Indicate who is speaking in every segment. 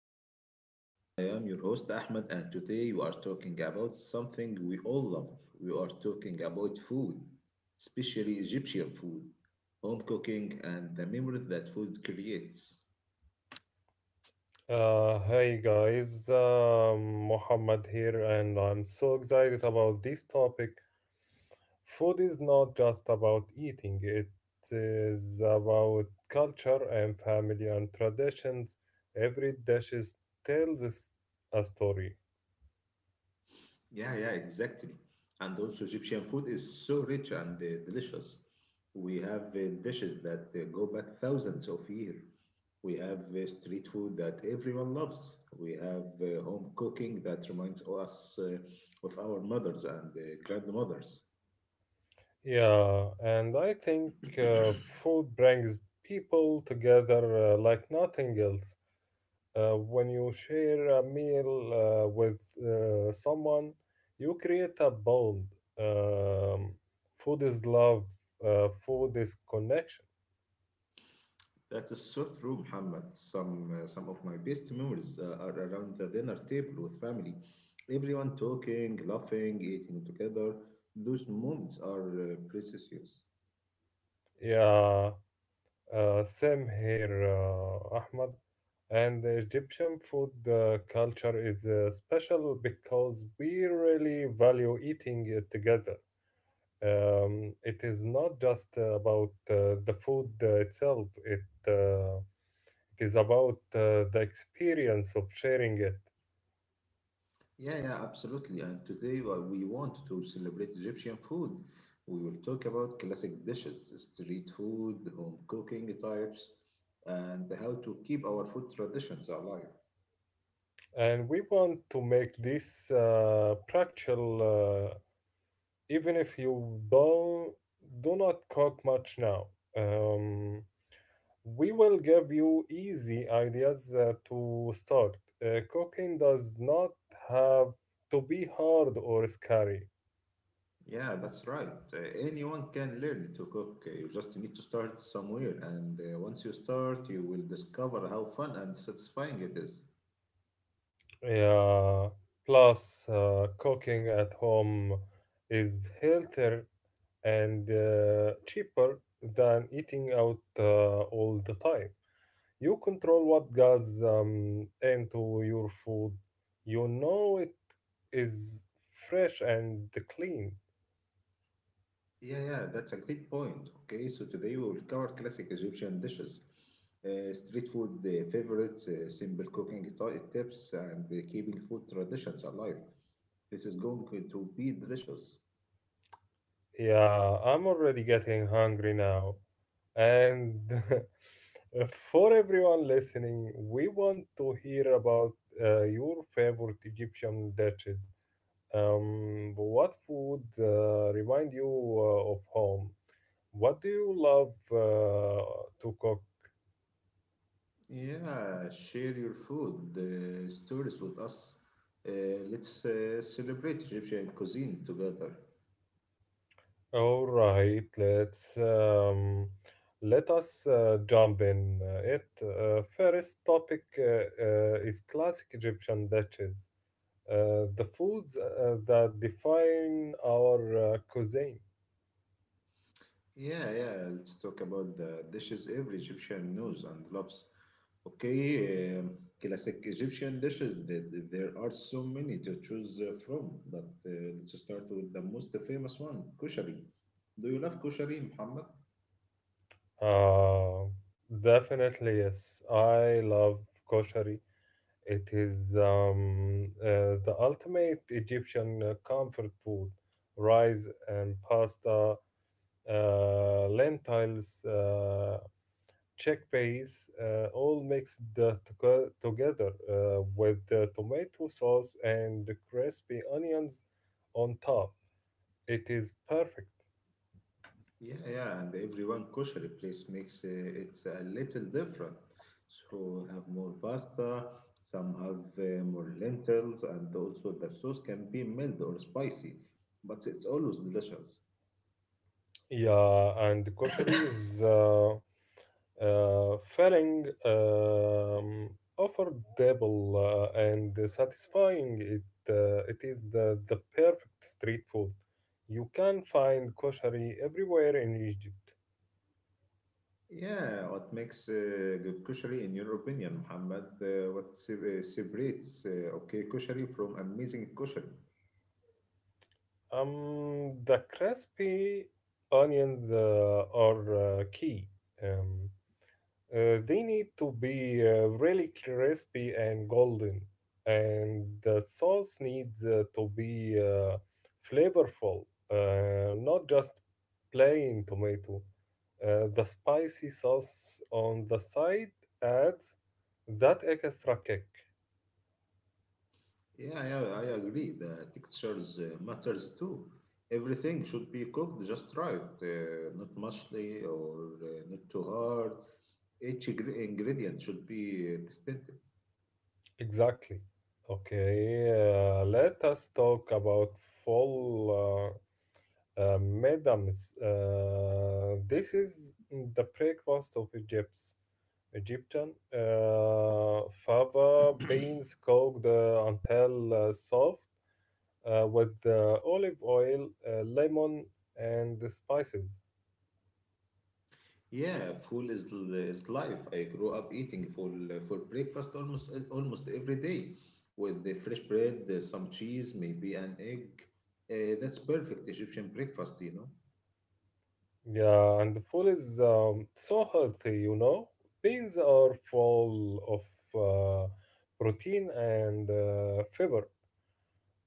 Speaker 1: Taste of Egypt. I am your host Ahmed, and today we are talking about something we all love. We are talking about food, especially Egyptian food, home cooking, and the memories that food creates.
Speaker 2: Hey guys, Muhammad here, and I'm so excited about this topic. Food is not just about eating, it is about culture and family and traditions. Every tells us a story.
Speaker 1: Yeah, yeah, exactly. And also, Egyptian food is so rich and delicious. We have dishes that go back thousands of years. We have street food that everyone loves. We have home cooking that reminds us of our mothers and grandmothers.
Speaker 2: Yeah, and I think food brings people together like nothing else. When you share a meal with someone, you create a bond. Um, Food is love, food is connection.
Speaker 1: That is so true, Muhammad. Some of my best memories are around the dinner table with family. Everyone talking, laughing, eating together. Those moments are precious.
Speaker 2: Yeah, same here, Ahmad. And the Egyptian food culture is special because we really value eating it together. It is not just about the food itself. It is about the experience of sharing it.
Speaker 1: Yeah, yeah, absolutely. And today we want to celebrate Egyptian food. We will talk about classic dishes, street food, home cooking types, and how to keep our food traditions alive.
Speaker 2: And we want to make this practical, even if you don't do not cook much now. Um, we will give you easy ideas to start. Cooking does not have to be hard or scary.
Speaker 1: Yeah, that's right. Anyone can learn to cook. You just need to start somewhere. And once you start, you will discover how fun and satisfying it is.
Speaker 2: Yeah. Plus, cooking at home is healthier and cheaper than eating out all the time. You control what goes into your food. You know it is fresh and clean.
Speaker 1: Yeah, yeah, that's a great point. Okay, so today we will cover classic Egyptian dishes, street food favorites, simple cooking tips, and keeping food traditions alive. This is going to be delicious.
Speaker 2: Yeah, I'm already getting hungry now. And for everyone listening, we want to hear about your favorite Egyptian dishes. What food remind you of home? What do you love to cook?
Speaker 1: Yeah, share your food stories with us. Uh, let's celebrate Egyptian cuisine together.
Speaker 2: All right, let us jump in it. First topic is classic Egyptian dishes, the foods that define our cuisine.
Speaker 1: Yeah, yeah. Let's talk about the dishes every Egyptian knows and loves. Okay, classic Egyptian dishes. There are so many to choose from, but let's start with the most famous one, koshari. Do you love koshari, Muhammad?
Speaker 2: Uh, Definitely yes, I love koshari. It is the ultimate Egyptian comfort food rice and pasta, lentils, chickpeas, all mixed together with tomato sauce and crispy onions on top. It is perfect.
Speaker 1: Yeah, yeah. And everyone koshari place makes it a little different. So have more pasta. Some have more lentils, and also the sauce can be mild or spicy, but it's always delicious.
Speaker 2: Yeah, and koshari is feeling affordable and satisfying. It is the perfect street food. You can find koshari everywhere in Egypt.
Speaker 1: Yeah, what makes good kushari in your opinion, Muhammad? What separates okay kushari from amazing kushari?
Speaker 2: The crispy onions are key. Um, they need to be really crispy and golden, and the sauce needs to be flavorful, not just plain tomato. The spicy sauce on the side adds that extra kick.
Speaker 1: Yeah, yeah, I agree. The textures matters too. Everything should be cooked just right, not mushly or not too hard. Each ingredient should be tested.
Speaker 2: Exactly. Okay, let us talk about full madam, this is the breakfast of Egypt. Egyptian fava beans cooked until soft with olive oil, lemon, and the spices.
Speaker 1: Yeah, full is is life. I grew up eating full for breakfast almost every day, with the fresh bread, some cheese, maybe an egg. That's perfect Egyptian breakfast, you know.
Speaker 2: Yeah, and the food is so healthy, you know. Beans are full of uh, protein and fiber.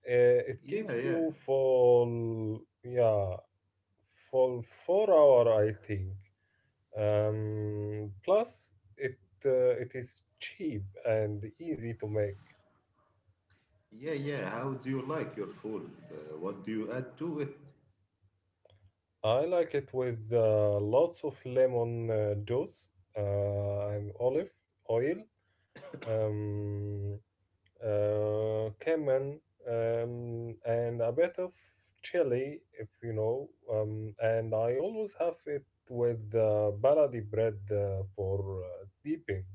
Speaker 2: It
Speaker 1: Yeah,
Speaker 2: keeps you full, yeah, for 4 hour I think. Plus it is cheap and easy to make.
Speaker 1: yeah. How do you like your food? What do you add to it?
Speaker 2: I like it with lots of lemon juice and olive oil, um, cumin, and a bit of chili if you know, and I always have it with baladi bread for dipping.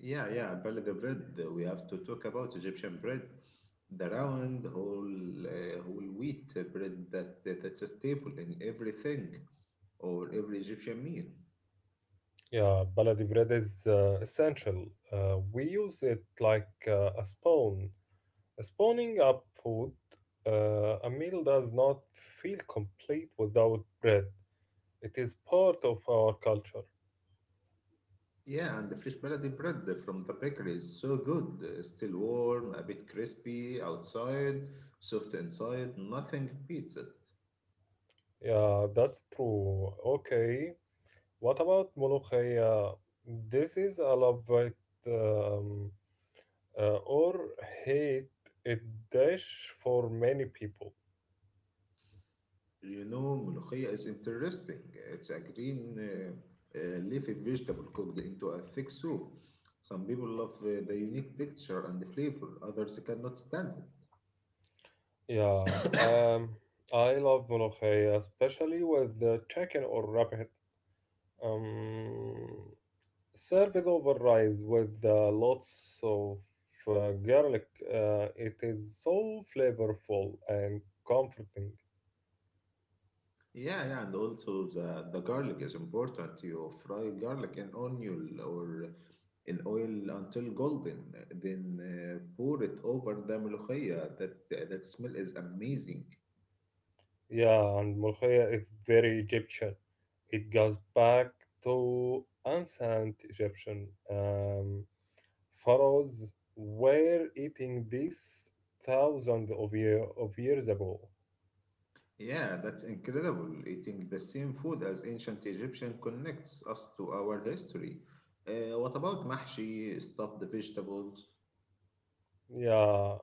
Speaker 1: Yeah, yeah. Bala the bread. We have to talk about Egyptian bread, the round whole whole wheat bread that that's a staple in everything or every Egyptian meal.
Speaker 2: Yeah, baladi bread is essential. We use it like a spoon. Spooning up food, a meal does not feel complete without bread. It is part of our culture.
Speaker 1: Yeah, and the fresh baladi bread from the bakery is so good. Still warm, a bit crispy outside, soft inside, nothing beats it.
Speaker 2: Yeah, that's true. Okay, what about molokhaya? This is a love it um, or hate it dish for many people.
Speaker 1: You know, ملوخية is interesting. It's a green leafy vegetable cooked into a thick soup. Some people love the unique texture and the flavor, others cannot stand it.
Speaker 2: Yeah, I love Molokhaya, especially with the chicken or rabbit. Um, Served over rice with lots of garlic. It is so flavorful and comforting.
Speaker 1: Yeah, yeah, and also the garlic is important. You fry garlic in onion or in oil until golden. Then pour it over the melochia. That smell is amazing.
Speaker 2: Yeah, and Molokhaya is very Egyptian. It goes back to ancient Egyptian, pharaohs were eating this thousands of years ago.
Speaker 1: Yeah, that's incredible. Eating the same food as ancient Egyptian connects us to our history. What about mahshi, stuffed vegetables?
Speaker 2: Yeah,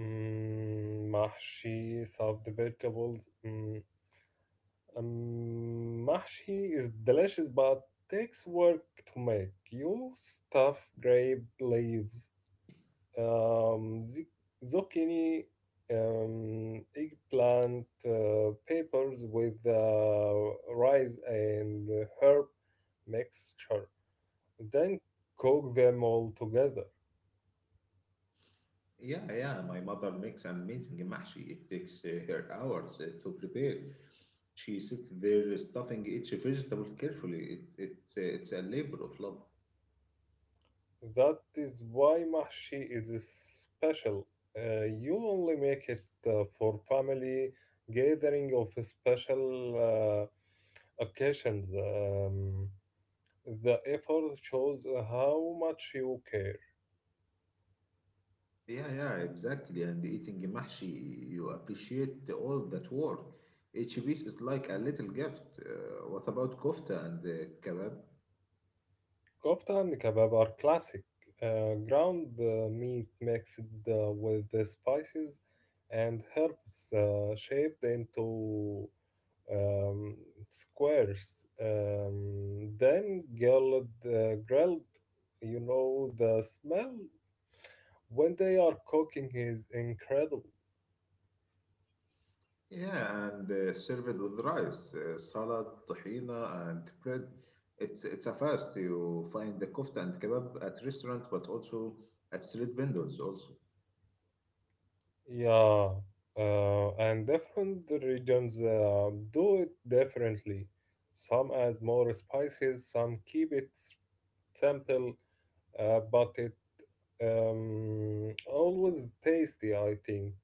Speaker 2: mahshi, soft vegetables. Mahshi is delicious but takes work to make. You stuff grape leaves, um, zucchini, eggplant, peppers with rice and herb mixture. Then cook them all together.
Speaker 1: Yeah, yeah, my mother makes amazing mahshi. It takes her hours to prepare. She sits there stuffing each vegetable carefully. It's a labor of love.
Speaker 2: That is why mahshi is special. You only make it for family gathering of special occasions. The effort shows how much you care.
Speaker 1: Yeah, yeah, exactly. And eating mahshi, you appreciate all that work. Each piece is like a little gift. What about kofta and kebab?
Speaker 2: Kofta and kebab are classic. Ground meat mixed with the spices and herbs shaped into um, squares, then grilled. You know the smell when they are cooking is incredible.
Speaker 1: Yeah, and served with rice, salad, tahina, and bread. It's a fast. You find the kofta and kebab at restaurant, but also at street vendors also.
Speaker 2: Yeah, and different regions do it differently. Some add more spices, some keep it simple, but it always tasty, I think.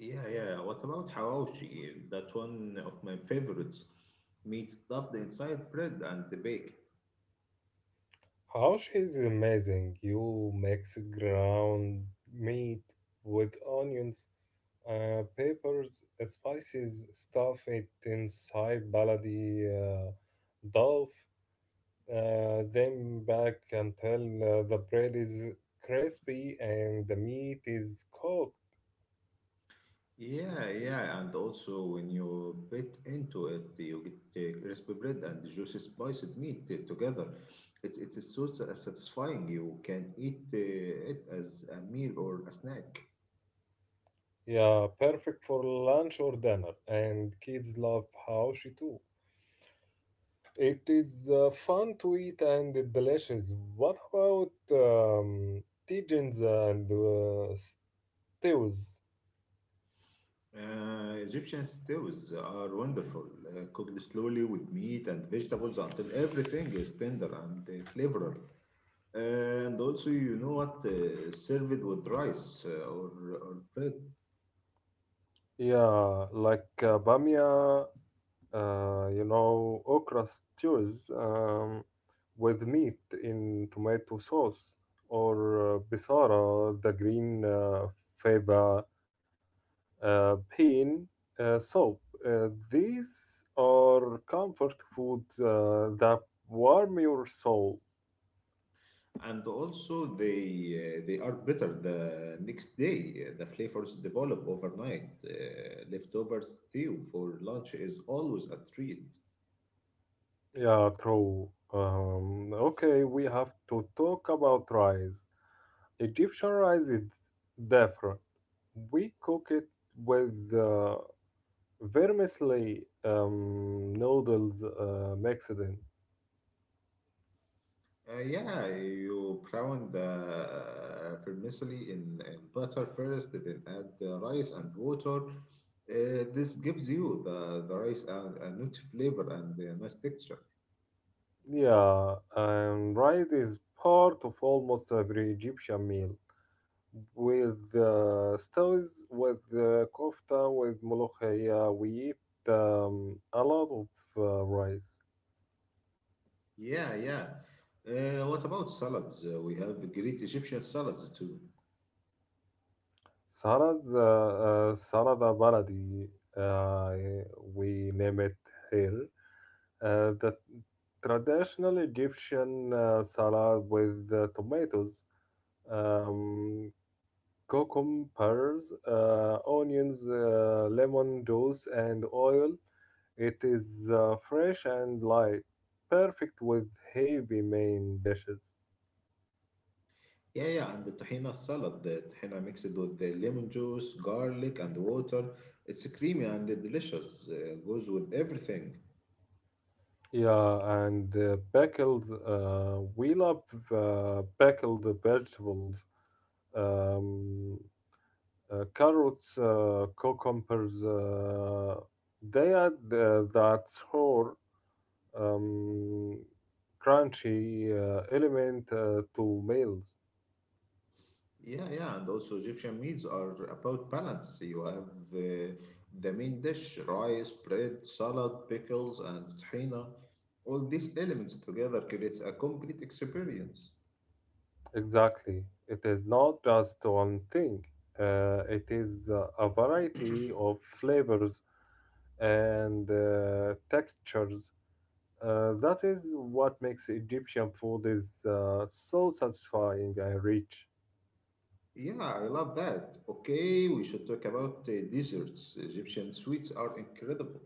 Speaker 1: Yeah, yeah. What about hawashi? That one of my favorites. Meat stuffed inside bread and baked.
Speaker 2: How she's amazing. You mix ground meat with onions, peppers, spices, stuff it inside baladi dough, then back until the bread is crispy and the meat is cooked.
Speaker 1: Yeah, yeah, and also when you bit into it, you get crispy bread and the juicy spiced meat together. It's so satisfying. You can eat it as a meal or a snack.
Speaker 2: Yeah, perfect for lunch or dinner, and kids love how she too. It is fun to eat and delicious. What about tijins and stews?
Speaker 1: Egyptian stews are wonderful, cooked slowly with meat and vegetables until everything is tender and flavorful. And also, you know what, served with rice or bread.
Speaker 2: Yeah, like bamia, you know, okra stews with meat in tomato sauce, or bisara, the green fava bean soup. Uh, these are comfort foods that warm your soul.
Speaker 1: And also they are better the next day. The flavors develop overnight. Leftover stew for lunch is always a treat.
Speaker 2: Yeah, true. Okay, we have to talk about rice. Egyptian rice is different. We cook it with vermicelli noodles mixed in.
Speaker 1: Yeah, you brown the vermicelli in butter first, then add the rice and water. This gives you the rice a nut flavor and a nice texture.
Speaker 2: Yeah, and rice is part of almost every Egyptian meal. With stews, with kofta, with molokhia, we eat a lot of rice.
Speaker 1: Yeah, yeah. What about salads? We have great Egyptian salads too.
Speaker 2: Sarah the Baladi, uh, we name it here. The traditional Egyptian salad with tomatoes, um, cucumbers, onions, lemon juice, and oil. It is fresh and light, perfect with heavy main dishes.
Speaker 1: Yeah, yeah, and the tahina salad, the tahina mixed with the lemon juice, garlic, and water. It's creamy and delicious, goes with everything.
Speaker 2: Yeah, and pickles. We love pickled vegetables, um, carrots, cucumbers. They add that whole um, crunchy element to meals.
Speaker 1: Yeah, yeah, and also Egyptian meals are about balance. You have the main dish, rice, bread, salad, pickles, and tahina. All these elements together creates a complete experience.
Speaker 2: Exactly. It is not just one thing. It is a variety of flavors and textures. That is what makes Egyptian food is so satisfying and rich.
Speaker 1: Yeah, I love that. Okay, we should talk about desserts. Egyptian sweets are incredible.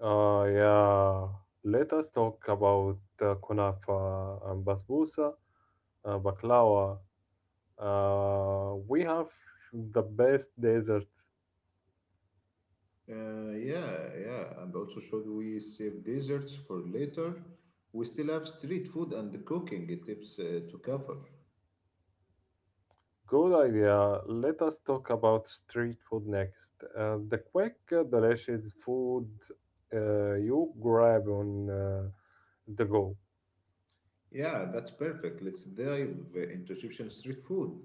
Speaker 2: Yeah, let us talk about kunafa and basbousa, baklava. We have the best dessert.
Speaker 1: Yeah, yeah, and also should we save desserts for later? We still have street food and the cooking tips to cover.
Speaker 2: Good idea. Let us talk about street food next. The quick, delicious food you grab on the go.
Speaker 1: Yeah, that's perfect. Let's dive into Egyptian street food.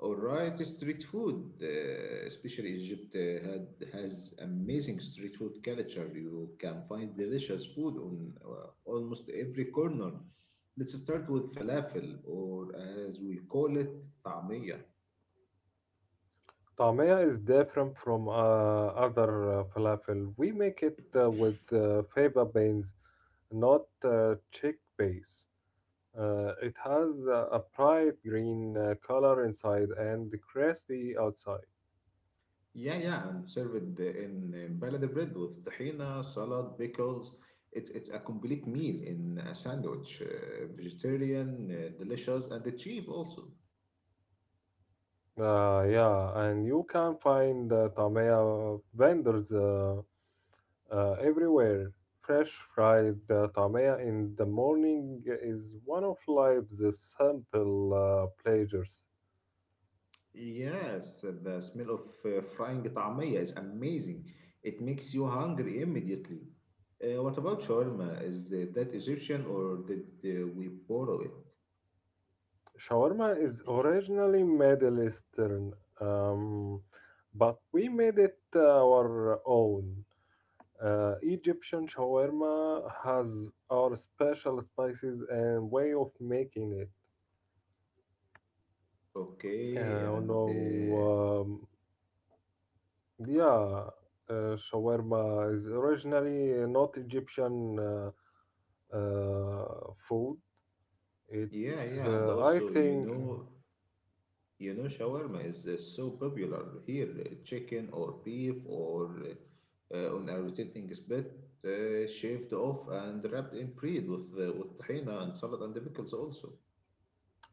Speaker 1: All right, street food, especially Egypt, has amazing street food culture. You can find delicious food on almost every corner. Let's start with falafel, or as we call it, طعمية.
Speaker 2: Tamaya is different from other falafel. We make it with fava beans, not chickpeas. It has a bright green color inside and crispy outside.
Speaker 1: Yeah, yeah, and served in balada bread with tahina, salad, pickles. It's a complete meal in a sandwich, vegetarian, delicious, and cheap also.
Speaker 2: Yeah, and you can find tamaya vendors everywhere. Fresh fried tamaya in the morning is one of life's simple pleasures.
Speaker 1: Yes, the smell of frying طعمية is amazing. It makes you hungry immediately. What about shawarma? Is that Egyptian or did we borrow it?
Speaker 2: Shawarma is originally Middle Eastern, um, but we made it our own. Egyptian shawarma has our special spices and way of making it.
Speaker 1: Okay,
Speaker 2: Uh, no,
Speaker 1: and
Speaker 2: um, yeah, shawarma is originally not Egyptian food. It,
Speaker 1: yeah, yeah, and
Speaker 2: uh, I
Speaker 1: also you
Speaker 2: think,
Speaker 1: know you know, shawarma is so popular here. Chicken or beef or on a rotating spit, shaved off and wrapped in bread with tahina and salad and the pickles also.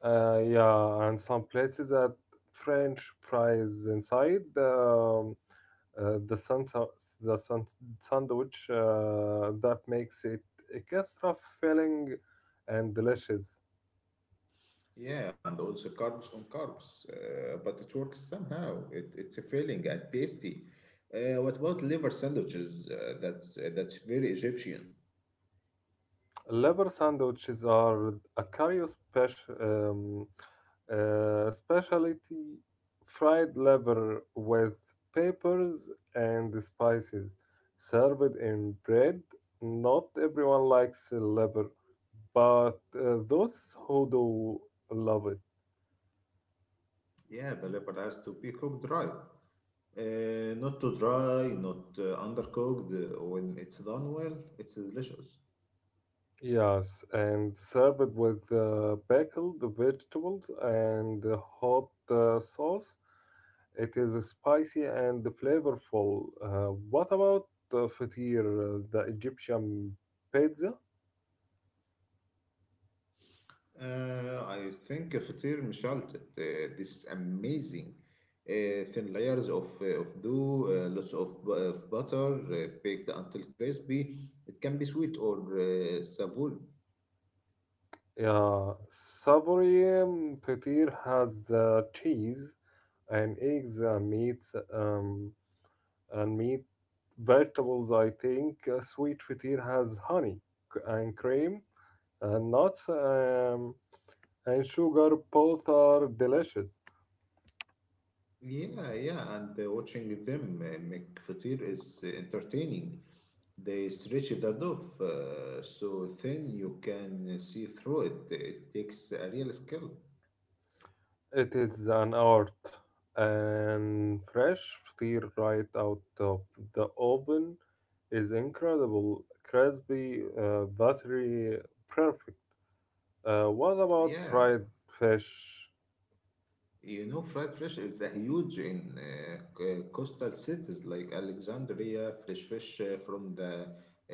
Speaker 2: Yeah, and some places add French fries inside. The santa, the san- Sandwich that makes it extra filling and delicious.
Speaker 1: Yeah, and also carbs on carbs. But it works somehow. It's a filling and tasty. What about liver sandwiches? That's that's very Egyptian.
Speaker 2: Liver sandwiches are a Cairo special specialty fried liver with peppers and spices served in bread. Not everyone likes liver, but those who do love it.
Speaker 1: Yeah, the liver has to be cooked dry. Not too dry, not undercooked. When it's done well, it's delicious.
Speaker 2: Yes, and serve it with the pickle, the vegetables, and the hot sauce. It is spicy and flavorful. What about the fatir, the Egyptian pizza?
Speaker 1: I think فطير مشلتت. This is amazing. Thin layers of dough, uh, lots of butter, baked until crispy. It can be sweet or savour.
Speaker 2: Yeah, savory fatir has cheese and eggs and meat, um, and meat vegetables. I think sweet fatir has honey and cream and nuts, and sugar. Both are delicious.
Speaker 1: Yeah, yeah, and watching them make fatir is entertaining. They stretch the dove so thin you can see through it. It takes a real skill.
Speaker 2: It is an art and fresh steer right out of the oven is incredible. Crispy, buttery, perfect. What about
Speaker 1: Yeah,
Speaker 2: fried fish?
Speaker 1: you know, fried fish is a huge in coastal cities like Alexandria. Fresh fish from the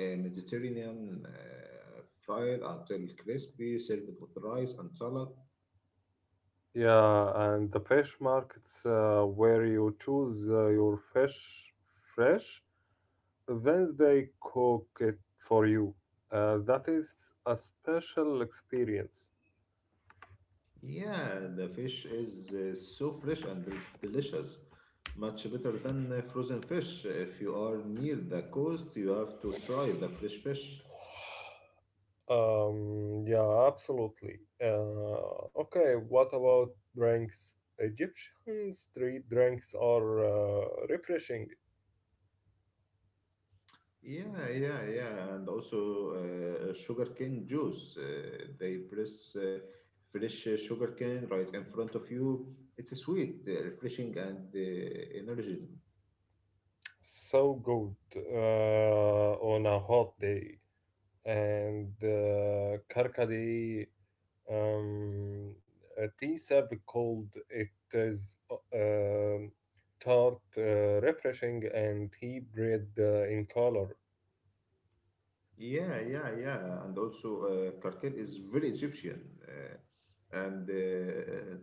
Speaker 1: Mediterranean, fried until crispy, served with rice and salad.
Speaker 2: Yeah, and the fish markets where you choose your fish fresh, then they cook it for you. That is a special experience.
Speaker 1: Yeah, the fish is so fresh and delicious, much better than frozen fish. If you are near the coast, you have to try the fresh fish.
Speaker 2: Yeah, absolutely. Okay, what about drinks? Egyptian street drinks are refreshing,
Speaker 1: Yeah, yeah, yeah, and also sugarcane juice. They press fresh sugarcane right in front of you. It's sweet, refreshing, and energy.
Speaker 2: so good on a hot day. And karkadi, um, a tea served cold, it is um tart, refreshing, and tea bread in color.
Speaker 1: Yeah, yeah, yeah. And also, Karket is very Egyptian. Uh, and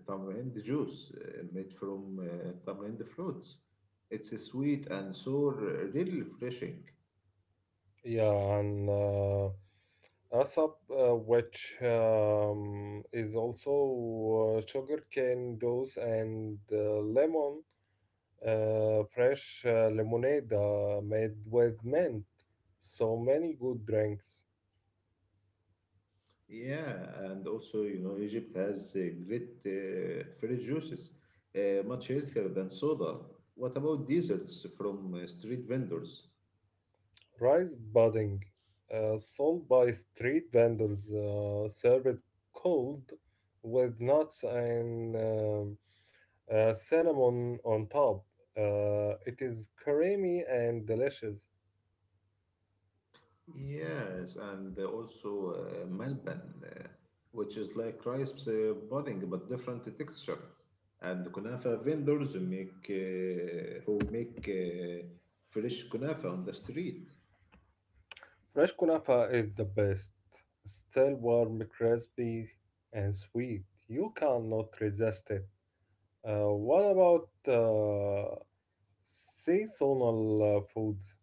Speaker 1: tamarind juice made from tamarind fruits. It's a sweet and sour, really refreshing.
Speaker 2: Yeah, and Asap, which is also sugarcane juice and lemon, fresh lemonade made with mint. So many good drinks.
Speaker 1: Yeah, and also, you know, Egypt has great fruit juices, much healthier than soda. What about desserts from street vendors?
Speaker 2: Rice pudding, sold by street vendors, served cold with nuts and cinnamon on top. It is creamy and delicious.
Speaker 1: Yes, and also malban, which is like rice pudding but different texture. And kunafa vendors make fresh kunafa on the street.
Speaker 2: Fresh kunafa is the best. Still warm, crispy, and sweet. You cannot resist it. What about seasonal foods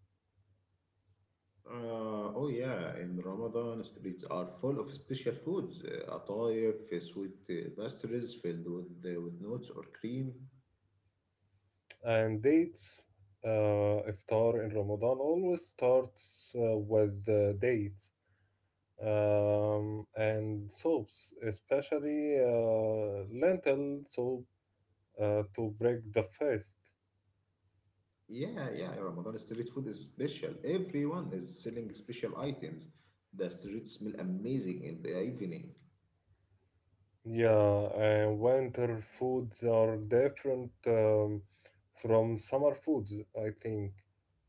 Speaker 1: Oh yeah, in Ramadan streets are full of special foods, atayef, sweet pastries filled with nuts or cream.
Speaker 2: and dates? Iftar in Ramadan always starts with dates, and soups, especially lentil soup to break the fast.
Speaker 1: Yeah, yeah, Ramadan street food is special. Everyone is selling special items. The streets smell amazing in the evening.
Speaker 2: Yeah, and winter foods are different from summer foods, I think.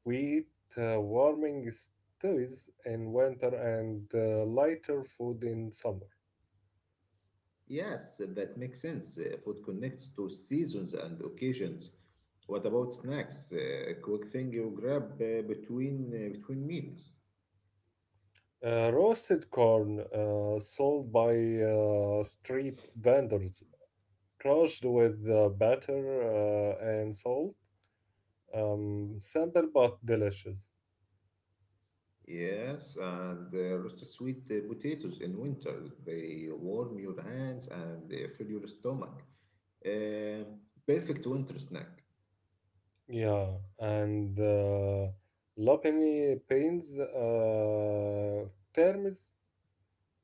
Speaker 2: We eat warming stews in winter and lighter food in summer.
Speaker 1: Yes, that makes sense. Food connects to seasons and occasions. What about snacks? Quick thing you grab between between meals.
Speaker 2: Roasted corn sold by street vendors, crushed with butter and salt. Simple but delicious.
Speaker 1: Yes, and roasted sweet potatoes in winter. They warm your hands and they fill your stomach. Uh, Perfect winter snack.
Speaker 2: Yeah, and Lapini paints terms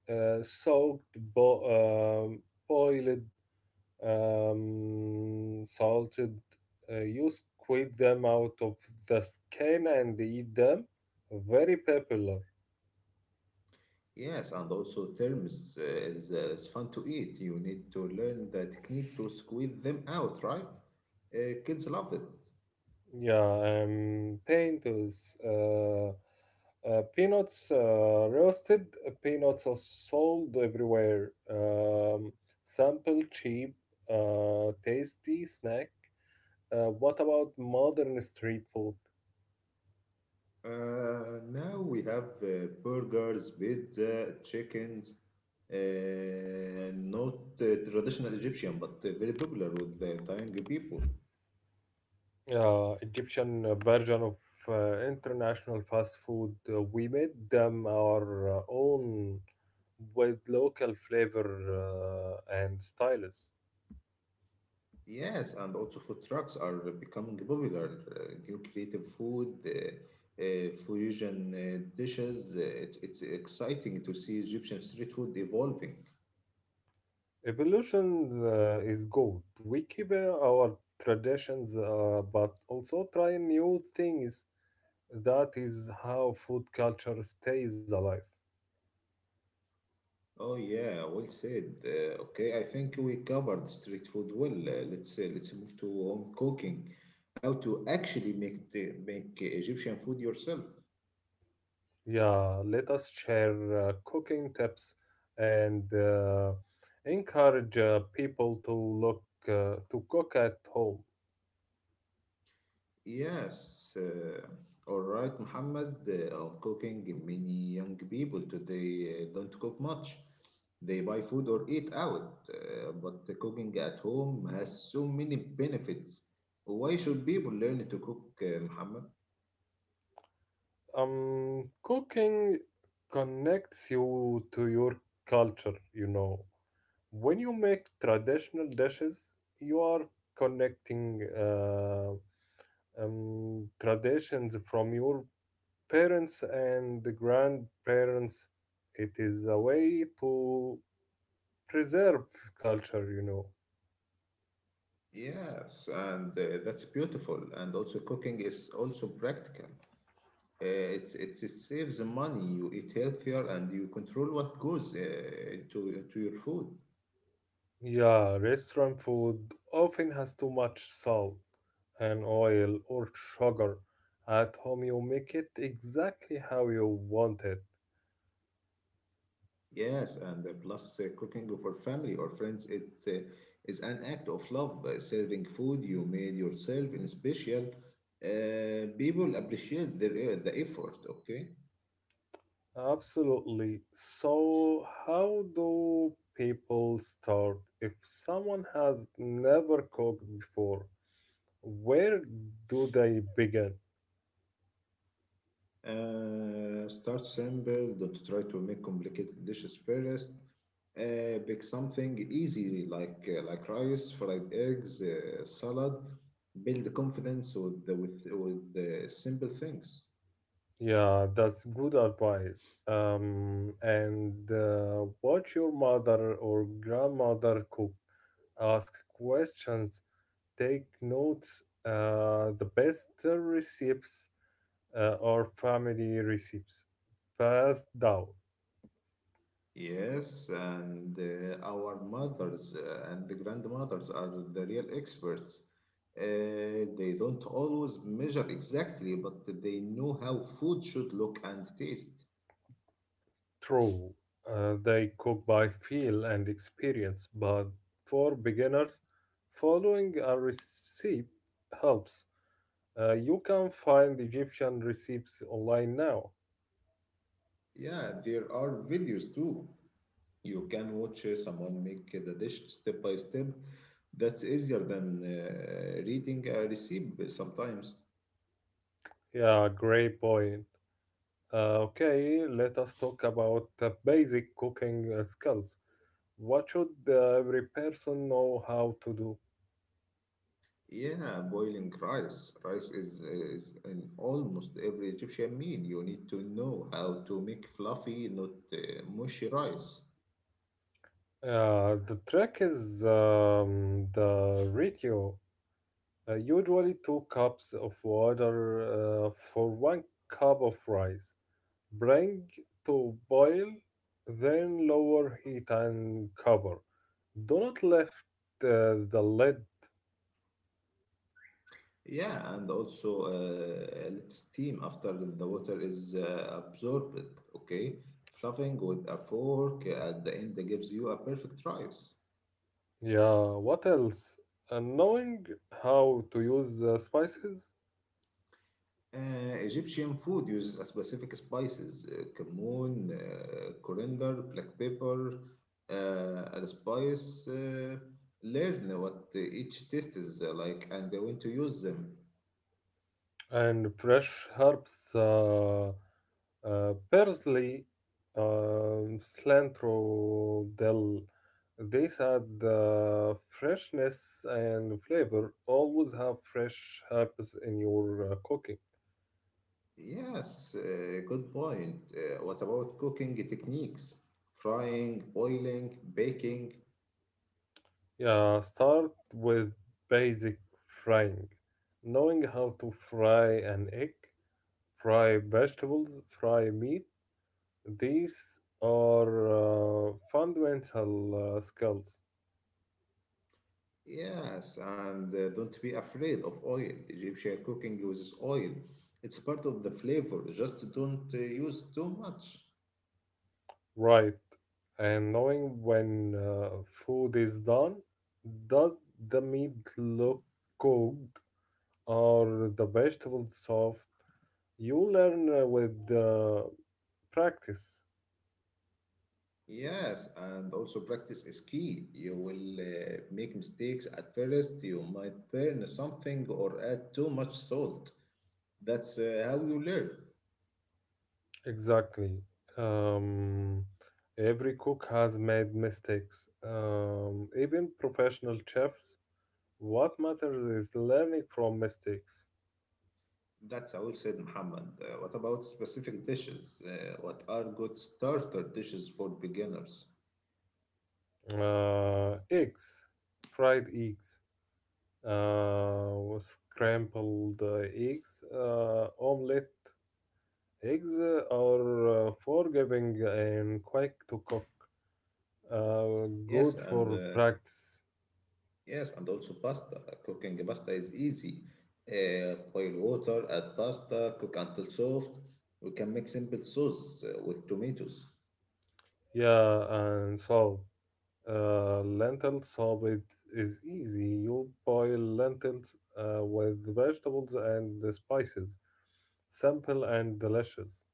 Speaker 2: soaked, boiled, salted. You squeeze them out of the skin and eat them. Very popular.
Speaker 1: Yes, and also terms is fun to eat. You need to learn the technique to squeeze them out, right? Kids love it.
Speaker 2: Yeah, potatoes, peanuts, roasted peanuts are sold everywhere. Sample, cheap, tasty snack. What about modern street food?
Speaker 1: Now we have burgers, pizza, chickens. Not traditional Egyptian, but very popular with the dying people.
Speaker 2: Egyptian version of international fast food. We made them our own with local flavor and styles.
Speaker 1: Yes, and also food trucks are becoming popular. New creative food, fusion dishes. It's exciting to see Egyptian street food evolving.
Speaker 2: Evolution is good. We keep our traditions, but also try new things. That is how food culture stays alive.
Speaker 1: Oh yeah, well said. Okay, I think we covered street food well. Let's move to home cooking. How to actually make make Egyptian food yourself?
Speaker 2: Yeah, let us share cooking tips and encourage people to look to cook at home.
Speaker 1: Yes. All right, Muhammad. Home cooking. Many young people today don't cook much. They buy food or eat out, but cooking at home has so many benefits. Why should people learn to cook, Muhammad?
Speaker 2: Cooking connects you to your culture. When you make traditional dishes, you are connecting traditions from your parents and the grandparents. It is a way to preserve culture.
Speaker 1: Yes, and that's beautiful. And also, cooking is also practical. Uh, it's it saves money. You eat healthier, and you control what goes into your food.
Speaker 2: Yeah, restaurant food often has too much salt and oil or sugar. At home, you make it exactly how you want it.
Speaker 1: Yes, and plus cooking for family or friends, it is an act of love. Serving food you made yourself in special, people appreciate their, the effort. Okay,
Speaker 2: Absolutely. So, how do people start if someone has never cooked before? Where do they begin?
Speaker 1: start simple. Don't try to make complicated dishes first. Pick something easy like rice, fried eggs, salad. Build confidence with with the simple things.
Speaker 2: Yeah, that's good advice. And Watch your mother or grandmother cook. Ask questions, take notes. The best recipes are family recipes passed down.
Speaker 1: Yes, and our mothers and the grandmothers are the real experts. They don't always measure exactly, but they know how food should look and taste.
Speaker 2: True, they cook by feel and experience, but for beginners, following a recipe helps. You can find Egyptian recipes online now.
Speaker 1: Yeah, there are videos too. You can watch someone make the dish step by step. That's easier than reading a recipe sometimes.
Speaker 2: Yeah, great point. Okay, let us talk about the basic cooking skills. What should every person know how to do?
Speaker 1: Yeah, boiling rice. Rice is in almost every Egyptian meal. You need to know how to make fluffy, not mushy rice.
Speaker 2: The trick is the ratio. Usually two cups of water for one cup of rice. Bring to boil, then lower heat and cover. Do not lift the lid.
Speaker 1: Yeah, and also let steam after the water is absorbed. Okay, fluffing with a fork at the end gives you a perfect rice.
Speaker 2: Yeah, what else? Knowing how to use the spices
Speaker 1: Egyptian food uses a specific spices, cumin, coriander, black pepper, allspice. Learn what each taste is like and when to use them.
Speaker 2: and fresh herbs, آه، parsley, cilantro, dill, these add freshness and flavor. Always have fresh herbs in your cooking.
Speaker 1: Yes, good point. What about cooking techniques? Frying, boiling, baking?
Speaker 2: Yeah, start with basic frying. Knowing how to fry an egg, fry vegetables, fry meat, these are fundamental skills.
Speaker 1: Yes, and don't be afraid of oil. Egyptian cooking uses oil. It's part of the flavor. Just don't use too much.
Speaker 2: Right. And knowing when food is done, does the meat look cooked or the vegetables soft? You learn with practice.
Speaker 1: Yes, and also practice is key. You will make mistakes at first. You might burn something or add too much salt. That's how you learn.
Speaker 2: Exactly. Um, every cook has made mistakes, even professional chefs. What matters is learning from mistakes.
Speaker 1: That's how we said, Muhammad. What about specific dishes? What are good starter dishes for beginners?
Speaker 2: Eggs, fried eggs, uh, scrambled eggs, omelette eggs are forgiving and quick to cook.
Speaker 1: Yes,
Speaker 2: Good
Speaker 1: and
Speaker 2: for practice.
Speaker 1: also pasta. Cooking pasta is easy. Boil water, add pasta, cook until soft. We can make simple sauce with tomatoes.
Speaker 2: Yeah, and so lentil soup it is easy. You boil lentils with vegetables and the spices. Simple and delicious.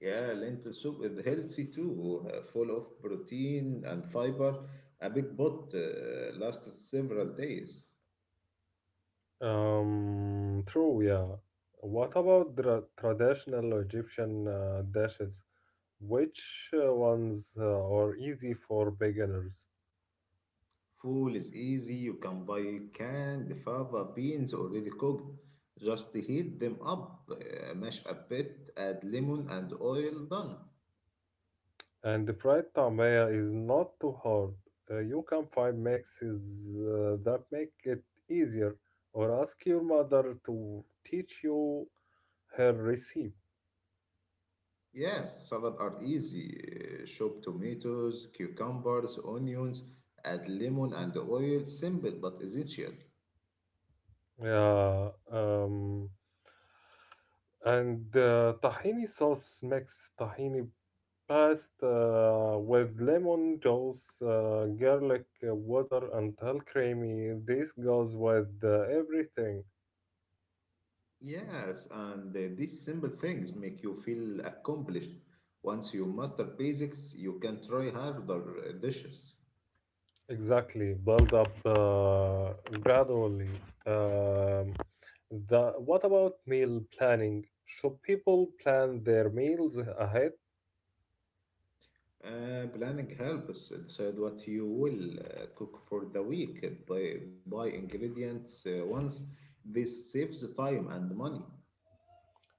Speaker 1: Yeah, lentil soup is healthy too, full of protein and fiber. A big pot lasts several days.
Speaker 2: True, yeah. What about the traditional Egyptian dishes? Which ones are easy for beginners?
Speaker 1: Food is easy. You can buy canned fava beans already cooked. Just heat them up, mash a bit, add lemon and oil, done.
Speaker 2: And the fried tamaya is not too hard. You can find mixes that make it easier, or ask your mother to teach you her recipe.
Speaker 1: Yes, salad are easy. Chop tomatoes, cucumbers, onions, add lemon and oil. Simple but essential.
Speaker 2: Yeah. And Tahini sauce makes tahini pasta with lemon juice, garlic, water until creamy. This goes with everything.
Speaker 1: Yes, and these simple things make you feel accomplished. Once you master basics, you can try harder dishes.
Speaker 2: Exactly. Build up gradually. Um, the What about meal planning? Should people plan their meals ahead
Speaker 1: Planning helps decide what you will cook for the week. Buy ingredients once. This saves time and money.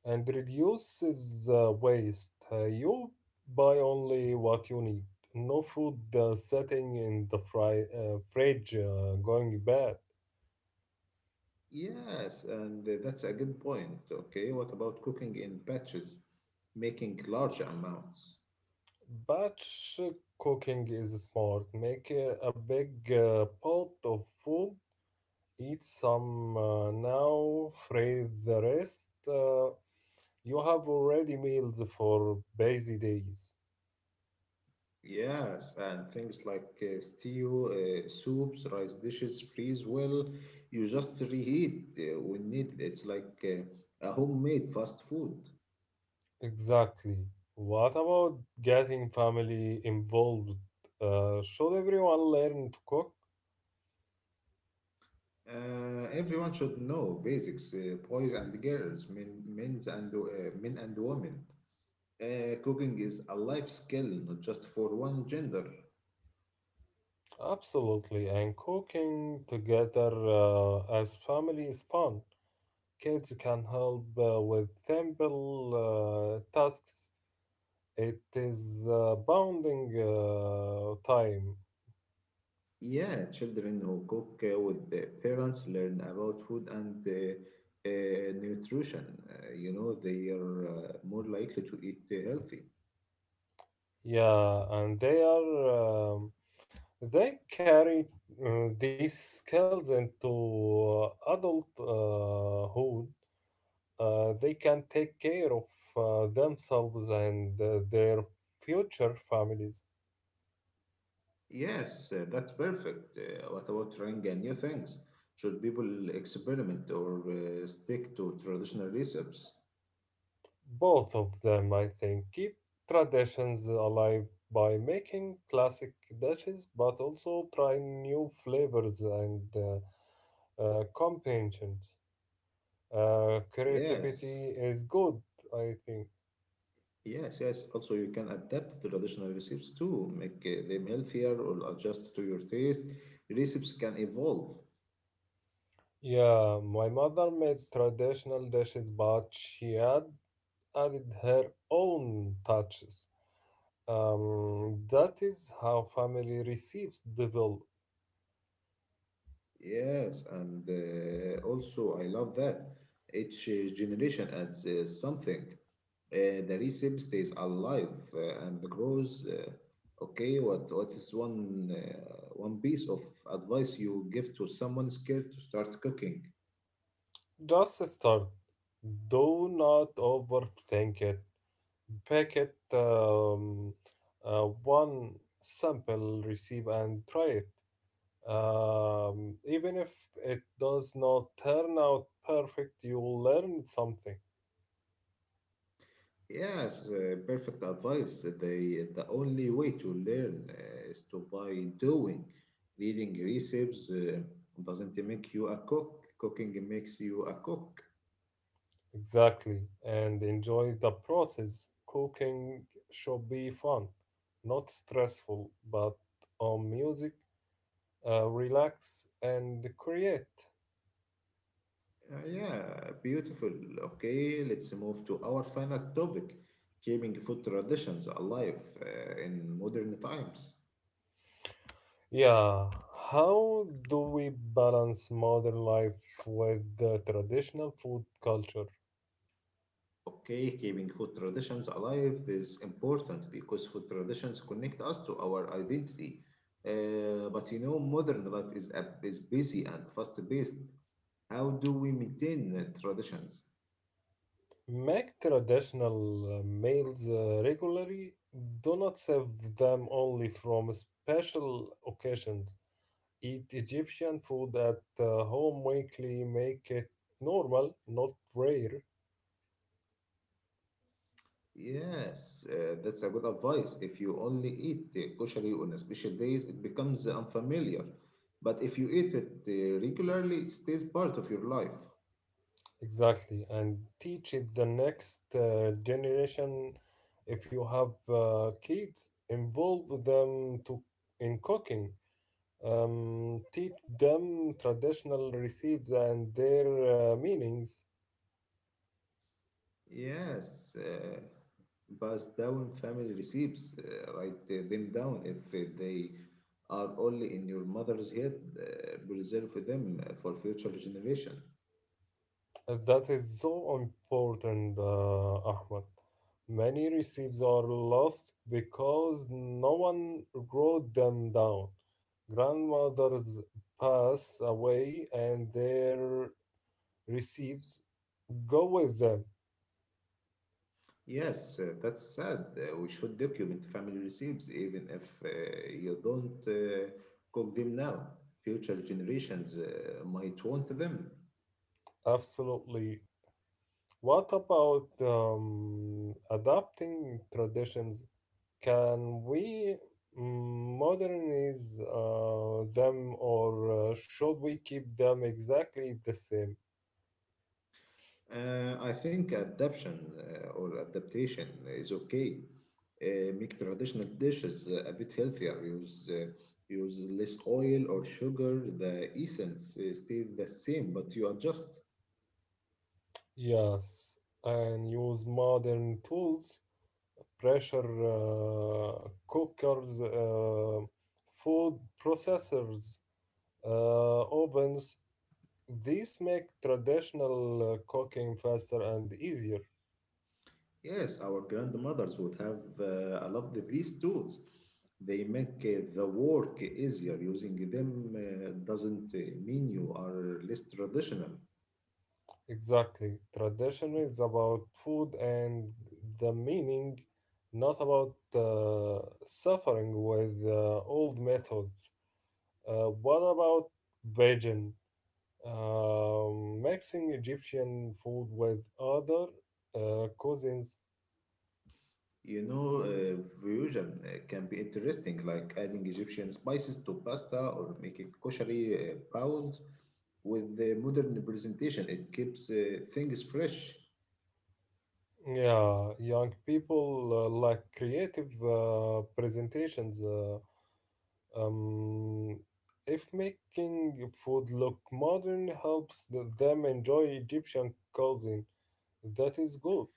Speaker 2: and reduces waste? You buy only what you need. No food sitting in the fridge going bad.
Speaker 1: Yes, and that's a good point. Okay, what about cooking in batches, making large amounts?
Speaker 2: Batch cooking is smart. Make a big pot of food, eat some now, fry the rest. You have already meals for busy days.
Speaker 1: Yes, and things like stew, soups, rice dishes freeze well. You just reheat when needed. It's like a homemade fast food.
Speaker 2: Exactly. What about getting family involved? Should everyone learn to cook?
Speaker 1: Everyone should know basics, boys and girls, men and women. Cooking is a life skill, not just for one gender.
Speaker 2: Absolutely, and cooking together as family is fun. Kids can help with simple tasks. It is bonding time.
Speaker 1: Yeah, children who cook with their parents learn about food and nutrition. You know, they are more likely to eat healthy.
Speaker 2: Yeah, and they are they carry these skills into adulthood. They can take care of themselves and their future families.
Speaker 1: Yes, that's perfect. What about trying new things? Should people experiment or stick to traditional recipes?
Speaker 2: Both of them, I think: keep traditions alive by making classic dishes but also try new flavors and combinations.
Speaker 1: Yes,
Speaker 2: Creativity is good, I think.
Speaker 1: yes. Also, you can adapt the traditional recipes too, make them healthier or adjust to your taste. Recipes can evolve.
Speaker 2: Yeah, my mother made traditional dishes, but she had added her own touches. That is how family receives develop.
Speaker 1: Yes, and also I love that each generation adds something. The recipe stays alive and grows. Okay, what is one piece of advice you give to someone scared to start cooking?
Speaker 2: Just start. Do not overthink it. Pack it one sample receipt and try it. Even if it does not turn out perfect, you will learn something.
Speaker 1: Yes, perfect advice. The only way to learn is to by doing. Reading recipes doesn't make you a cook. Cooking makes you a cook.
Speaker 2: Exactly. And enjoy the process. Cooking should be fun, not stressful, but on music, relax and create.
Speaker 1: Yeah, beautiful. Okay, let's move to our final topic, keeping food traditions alive in modern times.
Speaker 2: Yeah, how do we balance modern life with the traditional food culture?
Speaker 1: Okay, keeping food traditions alive is important because food traditions connect us to our identity. But you know, modern life is, is busy and fast-paced. How do we maintain traditions?
Speaker 2: Make traditional meals regularly. Do not serve them only from special occasions. Eat Egyptian food at home weekly. Make it normal, not rare.
Speaker 1: Yes, that's a good advice. If you only eat koshari on a special days, it becomes unfamiliar. But if you eat it regularly, it stays part of your life.
Speaker 2: Exactly, and teach it the next generation. If you have kids, involve them to in cooking. Teach them traditional recipes and their meanings.
Speaker 1: Yes, passed down family recipes. Write them down if they are only in your mother's head. Preserve them for future generation.
Speaker 2: That is so important, Ahmed. Many recipes are lost because no one wrote them down. Grandmothers pass away, and their recipes go with them,
Speaker 1: Yes, that's sad. We should document family recipes even if you don't cook them now. Future generations might want them.
Speaker 2: absolutely. What about adapting traditions? Can we modernize them, or should we keep them exactly the same?
Speaker 1: I think adaptation or adaptation is okay. Make traditional dishes a bit healthier. Use use less oil or sugar. The essence stays the same, but you adjust.
Speaker 2: Yes, and use modern tools, pressure cookers, food processors, ovens. These make traditional cooking faster and easier.
Speaker 1: Yes, our grandmothers would have loved these tools. They make the work easier. Using them doesn't mean you are less traditional.
Speaker 2: Exactly. Tradition is about food and the meaning, not about suffering with old methods. What about Bajan? Mixing Egyptian food with other cuisines.
Speaker 1: You know, fusion can be interesting, like adding Egyptian spices to pasta or making koshari bowls. With the modern presentation, it keeps things fresh.
Speaker 2: Yeah, young people like creative presentations. Um, if making food look modern helps them enjoy Egyptian cuisine, that is good.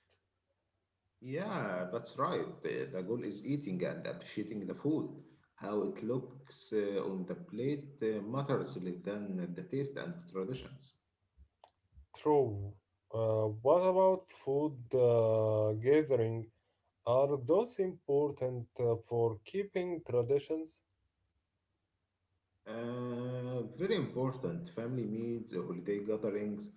Speaker 1: Yeah, that's right. The goal is eating and appreciating the food. How it looks on the plate matters less than the taste and traditions.
Speaker 2: True. What about food gathering? Are those important for keeping traditions?
Speaker 1: Very important family meals, holiday gatherings.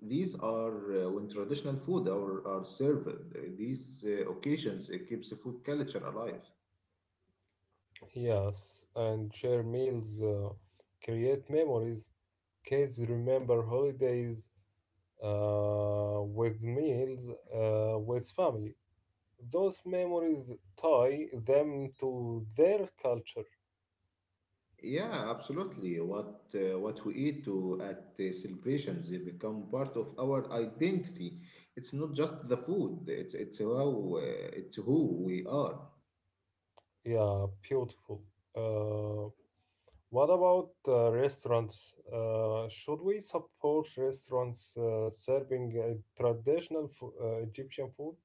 Speaker 1: These are when traditional food are served. These occasions it keeps the food culture alive.
Speaker 2: Yes, and share meals, create memories. Kids remember holidays with meals with family. Those memories tie them to their culture.
Speaker 1: Yeah, absolutely. What we eat to at the celebrations, they become part of our identity. It's not just the food. It's how it's who we are.
Speaker 2: Yeah, beautiful. Uh, what about restaurants? Should we support restaurants serving traditional Egyptian food?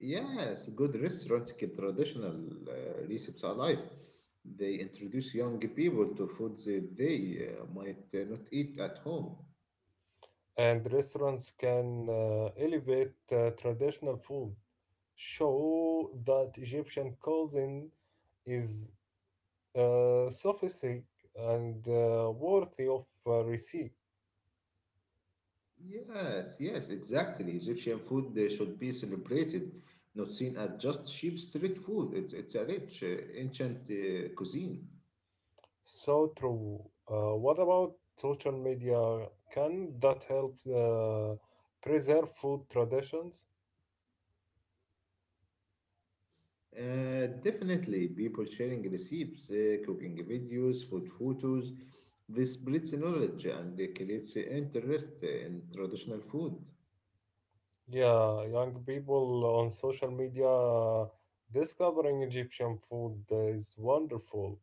Speaker 1: Yes, good restaurants keep traditional recipes alive. They introduce young people to foods that they might not eat at home.
Speaker 2: And restaurants can elevate traditional food, show that Egyptian cuisine is sophisticated and worthy of receipt.
Speaker 1: Yes, exactly. Egyptian food should be celebrated, not seen as just cheap street food. It's a rich, ancient cuisine.
Speaker 2: So true. What about social media? Can that help preserve food traditions?
Speaker 1: Definitely, people sharing recipes, cooking videos, food photos. This breeds knowledge and it creates interest in traditional food.
Speaker 2: Yeah, young people on social media discovering Egyptian food is wonderful.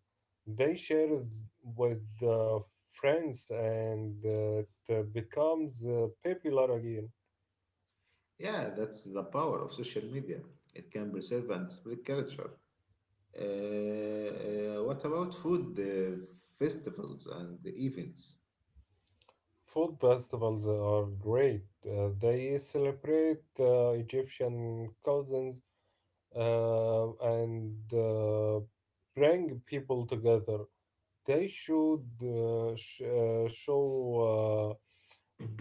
Speaker 2: They share it with friends and it becomes popular again.
Speaker 1: Yeah, that's the power of social media. It can preserve and spread culture. What about food festivals and events?
Speaker 2: Food festivals are great. They celebrate Egyptian cuisines and bring people together. They should show uh,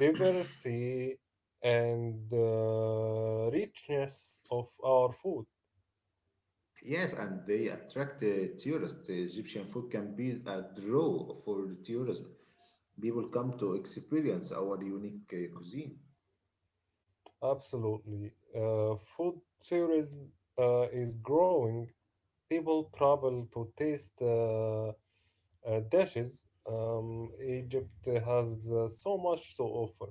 Speaker 2: diversity and richness of our food.
Speaker 1: Yes, and they attract tourists. Egyptian food can be a draw for tourism. People come to experience our unique cuisine.
Speaker 2: Absolutely. Food tourism is growing. People travel to taste dishes. Egypt has so much to offer.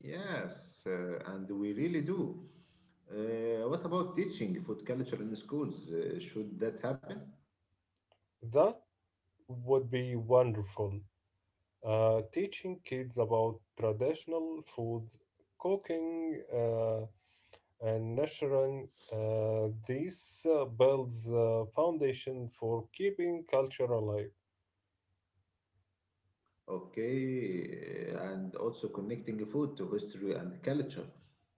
Speaker 1: Yes, and we really do. What about teaching food culture in schools? Should that happen?
Speaker 2: That would be wonderful. Teaching kids about traditional foods, cooking, and nurturing this builds a foundation for keeping culture alive.
Speaker 1: Okay, and also connecting food to history and culture,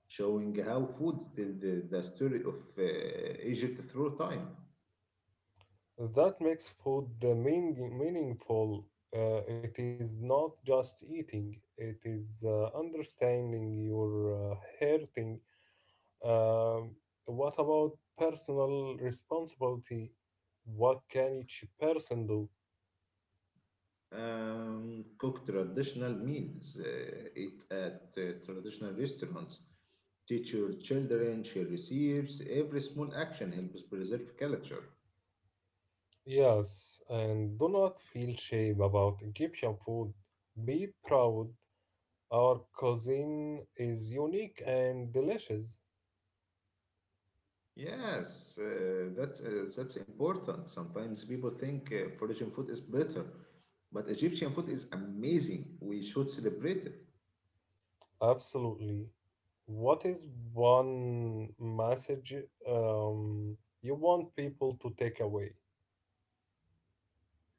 Speaker 1: showing how food tells the story of Egypt through time.
Speaker 2: That makes food meaningful. It is not just eating, it is understanding your hurting. Um, what about personal responsibility? What can each person do?
Speaker 1: Um, cook traditional meals, eat at traditional restaurants, teach your children, share recipes. Every small action helps preserve culture.
Speaker 2: Yes, and do not feel shame about Egyptian food. Be proud. Our cuisine is unique and delicious.
Speaker 1: Yes, that's important. Sometimes people think Persian food is better, but Egyptian food is amazing. We should celebrate it.
Speaker 2: Absolutely. What is one message um, you want people to take away?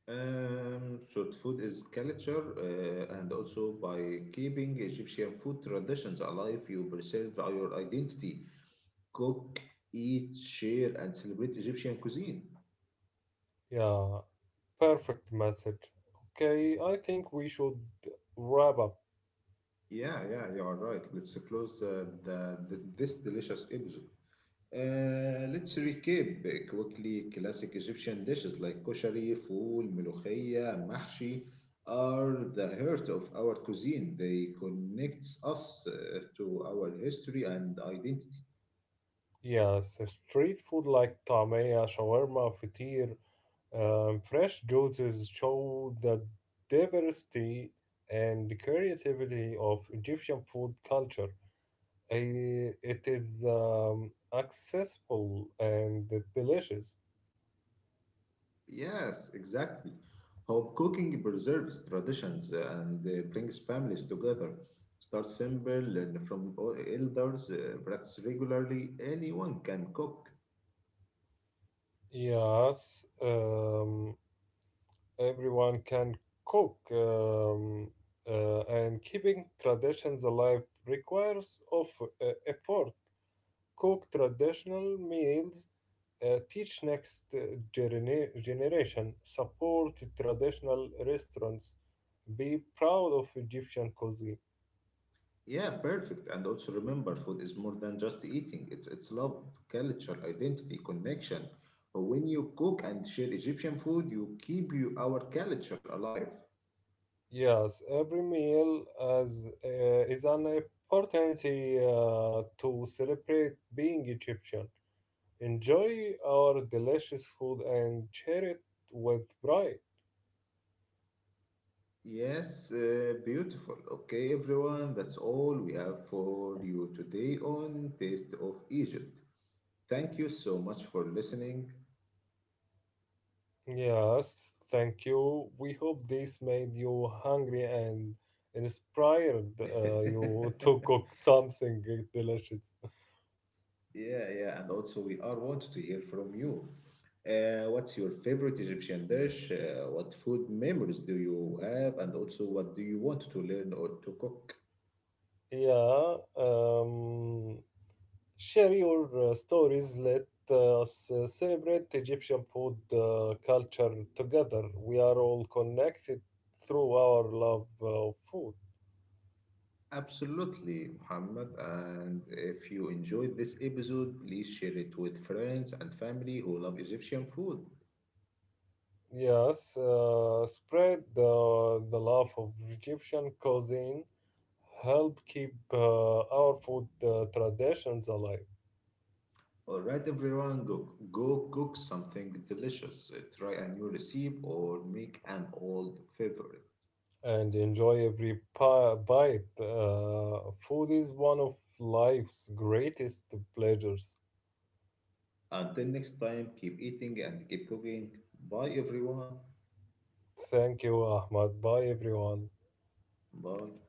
Speaker 1: So food is culture, and also by keeping Egyptian food traditions alive, you preserve your identity cook, eat, share, and celebrate Egyptian cuisine.
Speaker 2: Yeah, perfect message. Okay, I think we should wrap up.
Speaker 1: Yeah, you are right. Let's close this delicious episode. Let's recap quickly classic Egyptian dishes like koshari, fool, melokhia, mahshi are the heart of our cuisine. They connects us to our history and identity.
Speaker 2: Yes, street food like tamaya, shawarma, fatir, fresh juices show the diversity and creativity of Egyptian food culture. It is accessible and delicious.
Speaker 1: Yes, exactly. How cooking preserves traditions and brings families together. Start simple, learn from elders, practice regularly. Anyone can cook.
Speaker 2: Yes, everyone can cook, and keeping traditions alive requires of effort. Cook traditional meals, teach next generation, support traditional restaurants, be proud of Egyptian cuisine.
Speaker 1: Yeah, perfect. And also remember, food is more than just eating. It's love, culture, identity, connection. When you cook and share Egyptian food, you keep our culture alive.
Speaker 2: Yes, every meal as is an opportunity to celebrate being Egyptian. Enjoy our delicious food and share it with pride.
Speaker 1: Yes, beautiful. Okay, everyone, that's all we have for you today on Taste of Egypt. Thank you so much for listening.
Speaker 2: Yes, thank you. We hope this made you hungry and inspired you to cook something delicious.
Speaker 1: Yeah, and also we are wanted to hear from you. What's your favorite Egyptian dish? What food memories do you have? And also, what do you want to learn or to cook?
Speaker 2: Yeah, um, Share your stories. Let us celebrate Egyptian food culture together. We are all connected through our love of food.
Speaker 1: Absolutely, Muhammad. And if you enjoyed this episode, please share it with friends and family who love Egyptian food.
Speaker 2: Yes, spread the love of Egyptian cuisine. Help keep our food traditions alive
Speaker 1: All right, everyone, go cook something delicious. Try a new recipe or make an old favorite.
Speaker 2: and enjoy every bite. Food is one of life's greatest pleasures.
Speaker 1: Until next time, keep eating and keep cooking. Bye, everyone.
Speaker 2: Thank you, Ahmad. Bye, everyone.
Speaker 1: Bye.